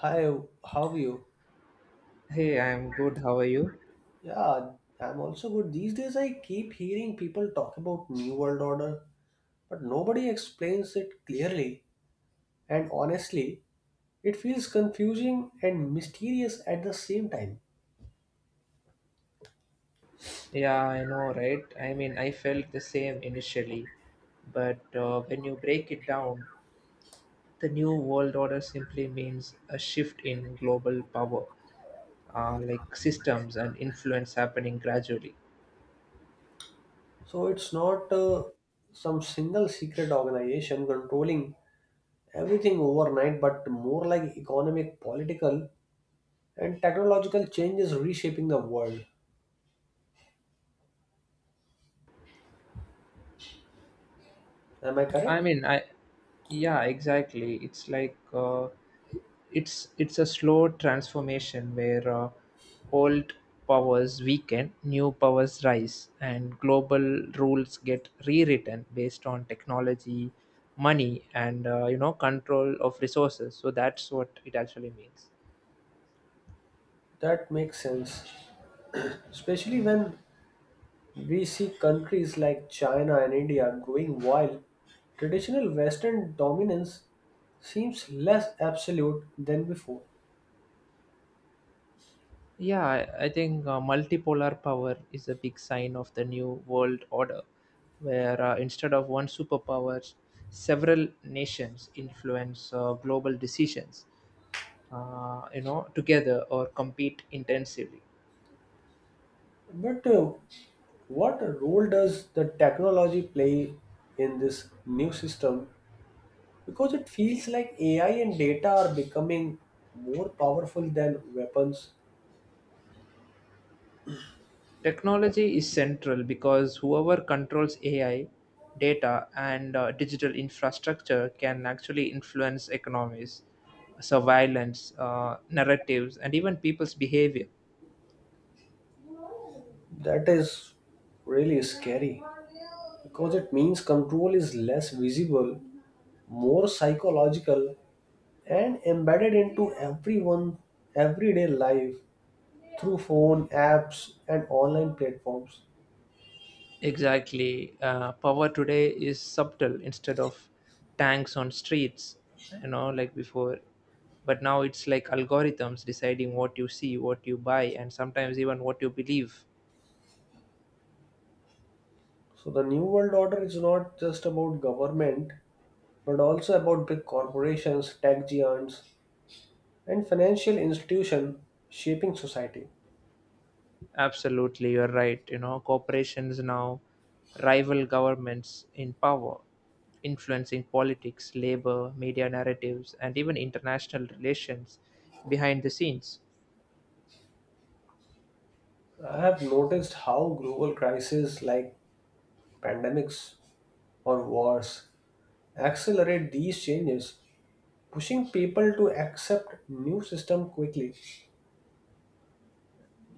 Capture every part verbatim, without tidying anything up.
Hi, how are you? Hey, I'm good. How are you? Yeah, I'm also good. These days I keep hearing people talk about New World Order, but nobody explains it clearly. And honestly, it feels confusing and mysterious at the same time. Yeah, I know, right? I mean, I felt the same initially, but uh, when you break it down, the new world order simply means a shift in global power, uh, like systems and influence happening gradually. So it's not uh, some single secret organization controlling everything overnight, but more like economic, political, and technological changes reshaping the world. Am I I correct? mean, I yeah, exactly. It's like uh, it's it's a slow transformation where uh, old powers weaken, new powers rise, and global rules get rewritten based on technology, money, and uh, you know control of resources. So that's what it actually means. That makes sense, especially when we see countries like China and India growing while traditional Western dominance seems less absolute than before. Yeah, I I think uh, multipolar power is a big sign of the new world order, where uh, instead of one superpower, several nations influence uh, global decisions, uh, you know, together or compete intensively. But uh, what role does the technology play in this new system? Because it feels like A I and data are becoming more powerful than weapons. Technology is central because whoever controls A I, data, and uh, digital infrastructure can actually influence economies, surveillance, uh, narratives, and even people's behavior. That is really scary because it means control is less visible, more psychological, and embedded into everyone everyday life through phone apps and online platforms. Exactly. Uh, power today is subtle instead of tanks on streets, you know, like before. But now it's like algorithms deciding what you see, what you buy, and sometimes even what you believe. So the new world order is not just about government but also about big corporations, tech giants, and financial institutions shaping society. Absolutely, you're right. You know, corporations now rival governments in power, influencing politics, labor, media narratives, and even international relations behind the scenes. I have noticed how global crises like pandemics or wars accelerate these changes, pushing people to accept new system quickly.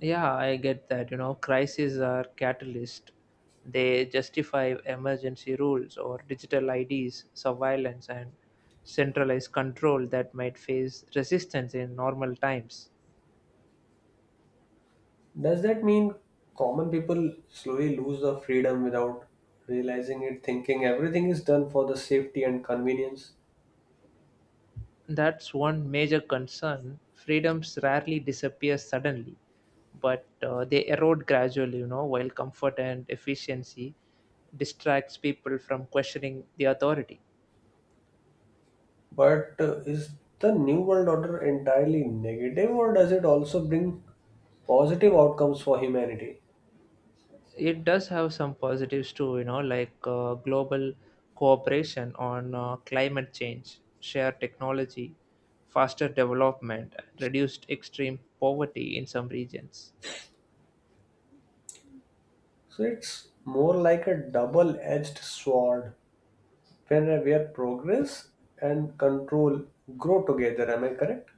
Yeah, I get that. You know, crises are catalyst. They justify emergency rules or digital I Ds, surveillance, and centralized control that might face resistance in normal times. Does that mean common people slowly lose the freedom without realizing it, thinking everything is done for the safety and convenience? That's one major concern. Freedoms rarely disappear suddenly, but uh, they erode gradually, you know, while comfort and efficiency distracts people from questioning the authority. But uh, is the New World Order entirely negative, or does it also bring positive outcomes for humanity? It does have some positives too, you know, like uh, global cooperation on uh, climate change, shared technology, faster development, reduced extreme poverty in some regions. So it's more like a double edged sword where, where progress and control grow together. Am I correct?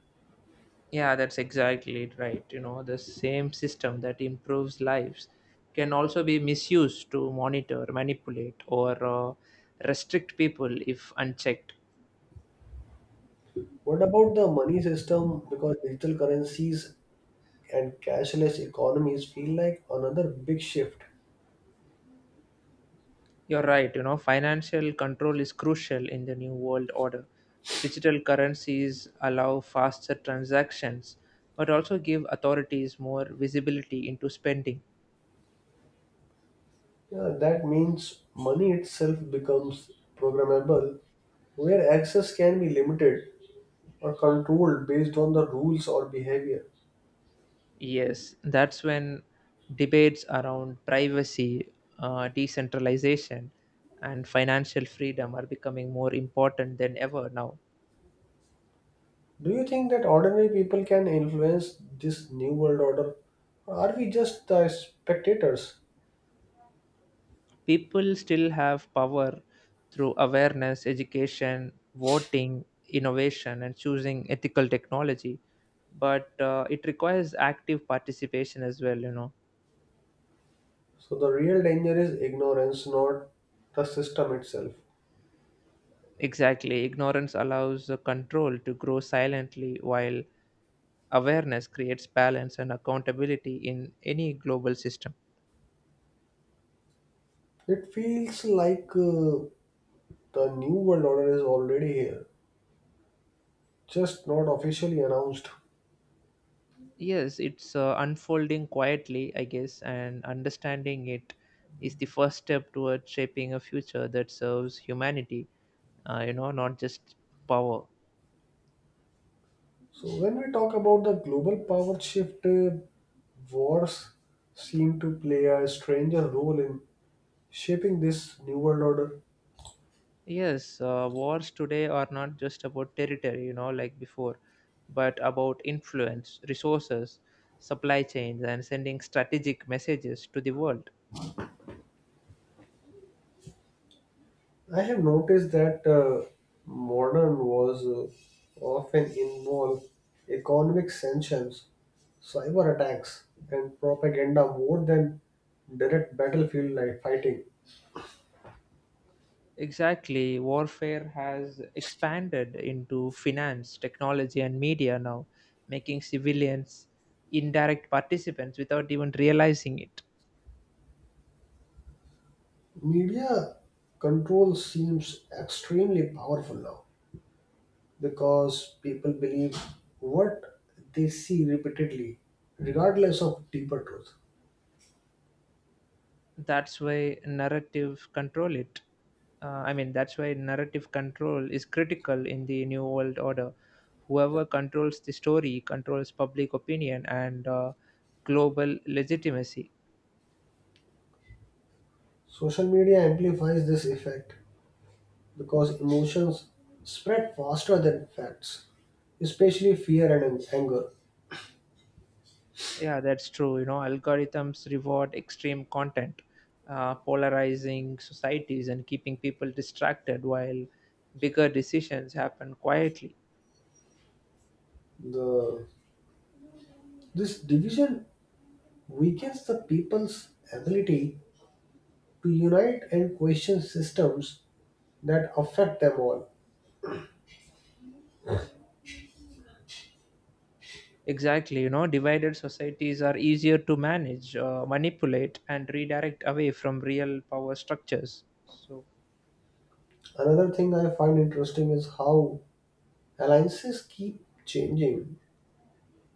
Yeah, that's exactly it, right? You know, the same system that improves lives can also be misused to monitor, manipulate, or uh, restrict people if unchecked. What about the money system? Because digital currencies and cashless economies feel like another big shift. You're right, you know, financial control is crucial in the new world order. Digital currencies allow faster transactions but also give authorities more visibility into spending. Yeah, that means money itself becomes programmable, where access can be limited or controlled based on the rules or behavior. Yes, that's when debates around privacy, uh, decentralization, and financial freedom are becoming more important than ever now. Do you think that ordinary people can influence this new world order? Or are we just the spectators? People still have power through awareness, education, voting, innovation, and choosing ethical technology. But uh, it requires active participation as well, you know. So the real danger is ignorance, not the system itself. Exactly. Ignorance allows the control to grow silently, while awareness creates balance and accountability in any global system. It feels like uh, the new world order is already here, just not officially announced. Yes, it's uh, unfolding quietly, I guess, and understanding it is the first step towards shaping a future that serves humanity, uh, you know, not just power. So when we talk about the global power shift, uh, wars seem to play a stranger role in shaping this new world order. Yes, uh, wars today are not just about territory, you know, like before, but about influence, resources, supply chains, and sending strategic messages to the world. I have noticed that uh, modern wars uh, often involve economic sanctions, cyber attacks, and propaganda more than direct battlefield like fighting. Exactly, warfare has expanded into finance, technology, and media now, making civilians indirect participants without even realizing it. Media control seems extremely powerful now because people believe what they see repeatedly, regardless of deeper truth. That's why narrative control it uh, i mean that's why narrative control is critical in the new world order. Whoever controls the story controls public opinion and uh, global legitimacy. Social media amplifies this effect because emotions spread faster than facts, especially fear and an- anger. Yeah, that's true. You know, algorithms reward extreme content, uh, polarizing societies and keeping people distracted while bigger decisions happen quietly. The, this division weakens the people's ability to unite and question systems that affect them all. Exactly, you know, divided societies are easier to manage, uh, manipulate, and redirect away from real power structures. So, Another thing I find interesting is how alliances keep changing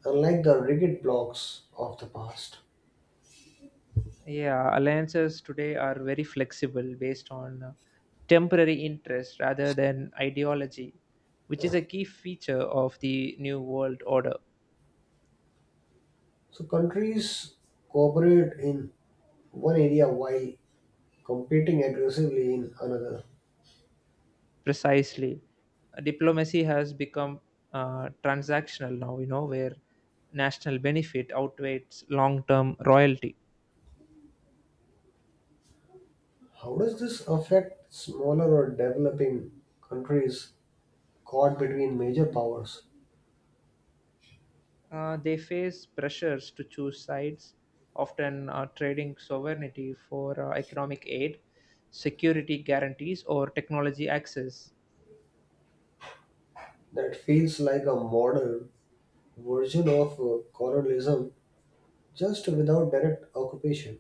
unlike the rigid blocks of the past. yeah, alliances today are very flexible based on uh, temporary interest rather than ideology, which is a key feature of the new world order. So countries cooperate in one area while competing aggressively in another. Precisely, diplomacy has become uh, transactional now, you know, where national benefit outweighs long term royalty. How does this affect smaller or developing countries caught between major powers? Uh, they face pressures to choose sides, often uh, trading sovereignty for uh, economic aid, security guarantees, or technology access. That feels like a modern version of uh, colonialism, just without direct occupation.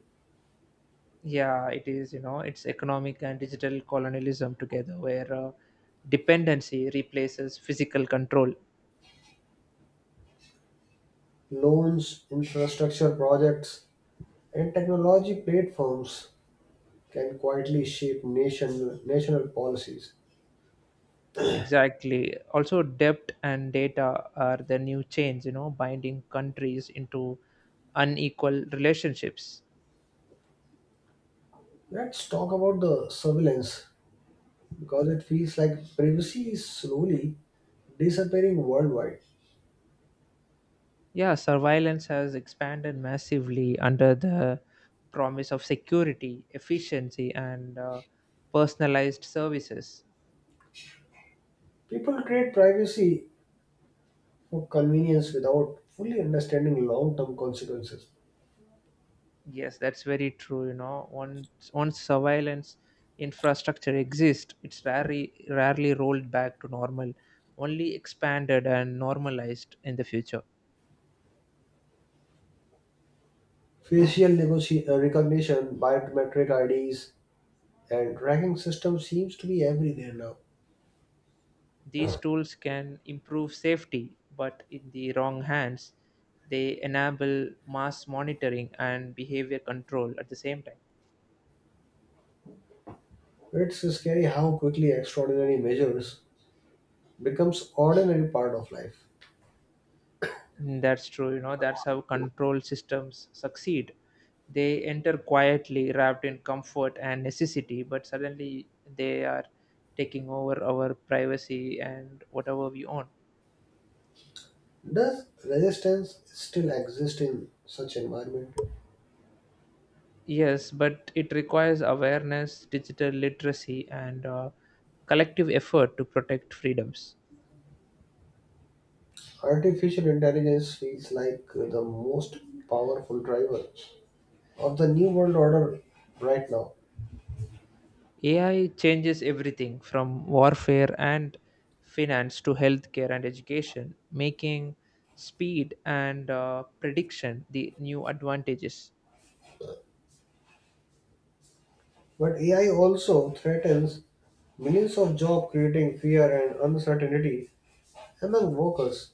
Yeah, it is, you know, it's economic and digital colonialism together, where uh, dependency replaces physical control. Loans, infrastructure projects, and technology platforms can quietly shape nation, national policies. Exactly. Also, debt and data are the new chains, you know, binding countries into unequal relationships. Let's talk about the surveillance because it feels like privacy is slowly disappearing worldwide. Yeah, surveillance has expanded massively under the promise of security, efficiency, and uh, personalized services. People create privacy for convenience without fully understanding long term consequences. Yes, that's very true. You know, once once surveillance infrastructure exists, it's rarely rarely rolled back to normal, only expanded and normalized in the future. Facial negoci- uh, recognition, biometric I Ds, and tracking system seems to be everywhere now. These tools can improve safety, but in the wrong hands, they enable mass monitoring and behavior control at the same time. It's scary how quickly extraordinary measures becomes ordinary part of life. Mm, that's true. You know, that's how control systems succeed. They enter quietly, wrapped in comfort and necessity, but suddenly they are taking over our privacy and whatever we own. Does resistance still exist in such environment? Yes, but it requires awareness, digital literacy, and uh, collective effort to protect freedoms. Artificial intelligence feels like the most powerful driver of the new world order right now. A I changes everything from warfare and finance to healthcare and education, making speed and uh, prediction the new advantages. But A I also threatens millions of jobs, creating fear and uncertainty among workers.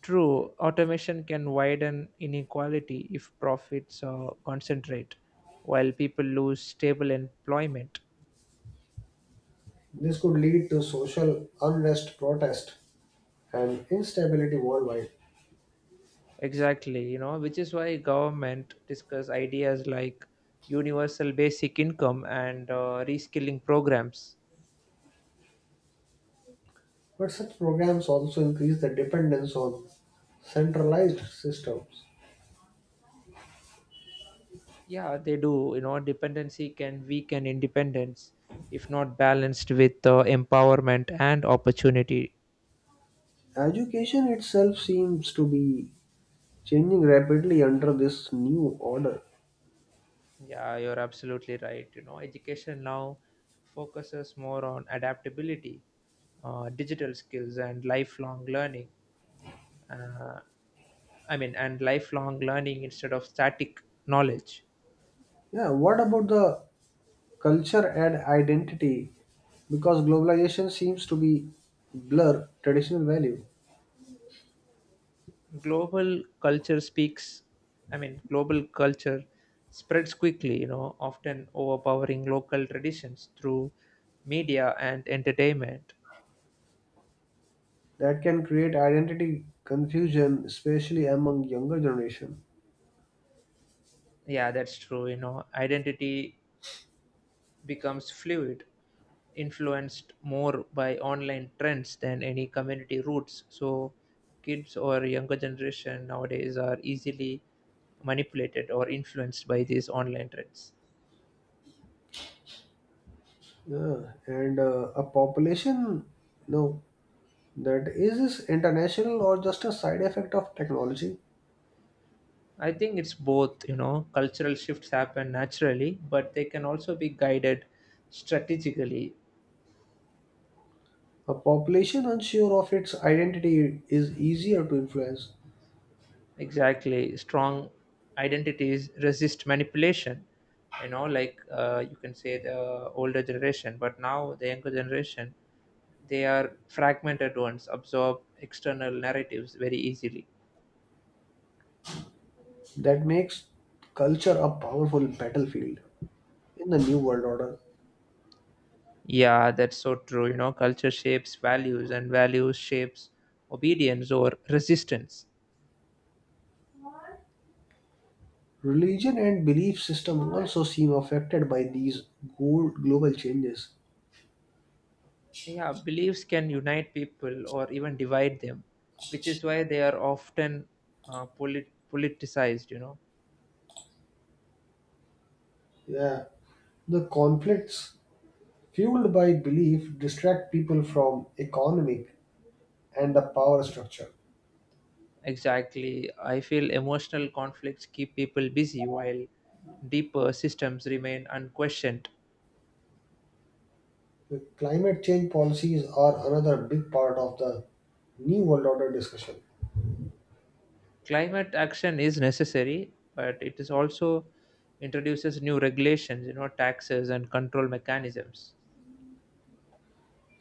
True, automation can widen inequality if profits uh, concentrate, while people lose stable employment. This could lead to social unrest, protest, and instability worldwide. Exactly, you know, which is why government discuss ideas like universal basic income and uh, reskilling programs. But such programs also increase the dependence on centralized systems. Yeah, they do. You know, dependency can weaken independence if not balanced with uh, empowerment and opportunity. Education itself seems to be changing rapidly under this new order. Yeah, you're absolutely right. You know, education now focuses more on adaptability, uh, digital skills, and lifelong learning. Uh, I mean, and lifelong learning instead of static knowledge. Yeah, what about the culture and identity? Because globalization seems to be blur traditional value. Global culture speaks I mean global culture spreads quickly, you know, often overpowering local traditions through media and entertainment. That can create identity confusion, especially among younger generation. Yeah, that's true. You know, identity becomes fluid, influenced more by online trends than any community roots, so kids or younger generation nowadays are easily manipulated or influenced by these online trends. Yeah, and uh, a population, you know, that is this international or just a side effect of technology? I think it's both, you know, cultural shifts happen naturally, but they can also be guided strategically. A population unsure of its identity is easier to influence. Exactly. Strong identities resist manipulation, you know, like uh, you can say the older generation, but now the younger generation, they are fragmented ones, absorb external narratives very easily. That makes culture a powerful battlefield. In the New World Order, Yeah, that's so true. You know, culture shapes values, and values shapes obedience or resistance. religion and belief system also seem affected by these go- global changes. Yeah, beliefs can unite people or even divide them, which is why they are often uh, polit- politicized, you know. Yeah, the conflicts fueled by belief distract people from economic and the power structure. Exactly. I feel emotional conflicts keep people busy while deeper systems remain unquestioned. The climate change policies are another big part of the New World Order discussion. Climate action is necessary, but it is also introduces new regulations, you know, taxes and control mechanisms.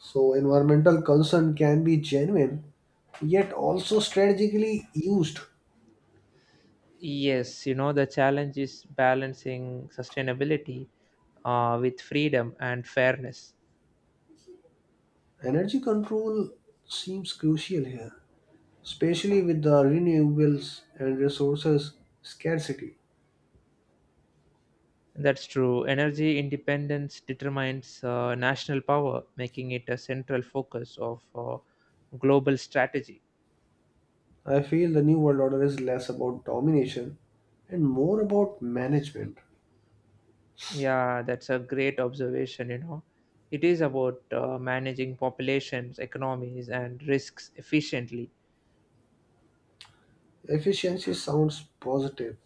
So, environmental concern can be genuine yet also strategically used. Yes, you know, the challenge is balancing sustainability uh, with freedom and fairness. Energy control seems crucial here, especially with the renewables and resources scarcity. That's true. Energy independence determines uh, national power, making it a central focus of uh, global strategy. I feel the New World Order is less about domination and more about management. Yeah, that's a great observation, you know. It is about uh, managing populations, economies, and risks efficiently. Efficiency sounds positive,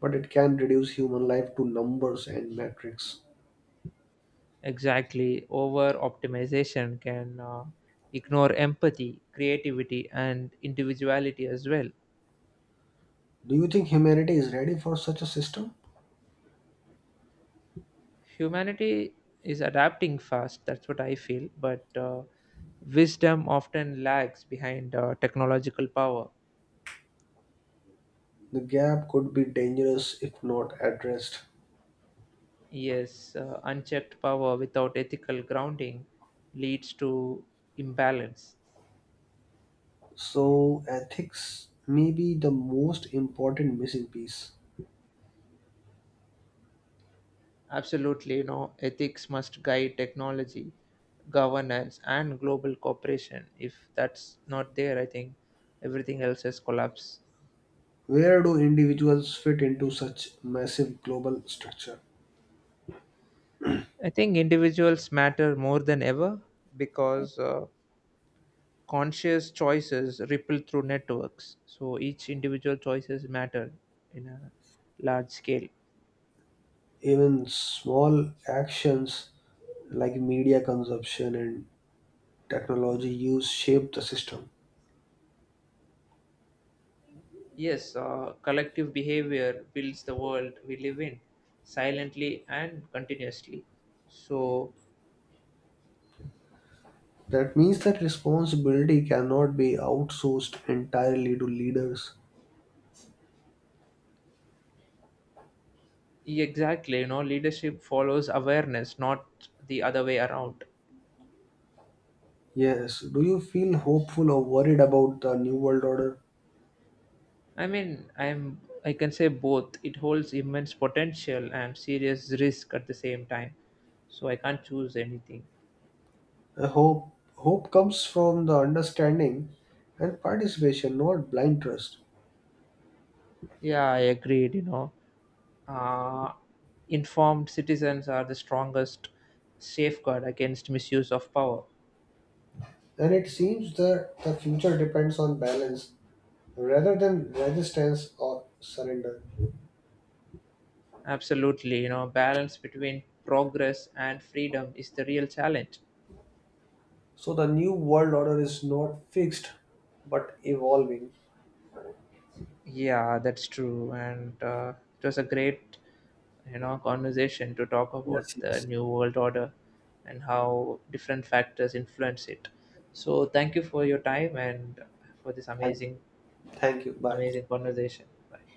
but it can reduce human life to numbers and metrics. Exactly. Over optimization can uh, ignore empathy, creativity, and individuality as well. Do you think humanity is ready for such a system? Humanity is adapting fast, that's what I feel, but uh, wisdom often lags behind uh, technological power. The gap could be dangerous if not addressed. Yes, uh, unchecked power without ethical grounding leads to imbalance. So, ethics may be the most important missing piece. Absolutely, you know, ethics must guide technology, governance, and global cooperation. If that's not there, I think everything else has collapsed. Where do individuals fit into such massive global structure? I think individuals matter more than ever because uh, conscious choices ripple through networks. So each individual choices matter in a large scale. Even small actions like media consumption and technology use shape the system. Yes, uh, collective behavior builds the world we live in silently and continuously. So That means that responsibility cannot be outsourced entirely to leaders. yeah, exactly, you know, leadership follows awareness, not the other way around. Yes, do you feel hopeful or worried about the new world order? I mean, I'm I can say both. It holds immense potential and serious risk at the same time. So I can't choose anything. I hope hope comes from the understanding and participation, not blind trust. Yeah, I agreed, you know. Uh, Informed citizens are the strongest safeguard against misuse of power. And it seems that the future depends on balance rather than resistance or surrender. Absolutely, you know, balance between progress and freedom is the real challenge. So the new world order is not fixed but evolving. Yeah, that's true, and uh, it was a great, you know, conversation to talk about Yes, the yes. new world order and how different factors influence it. So, thank you for your time and for this Thank, you. amazing, Thank you. Bye. amazing conversation. Bye.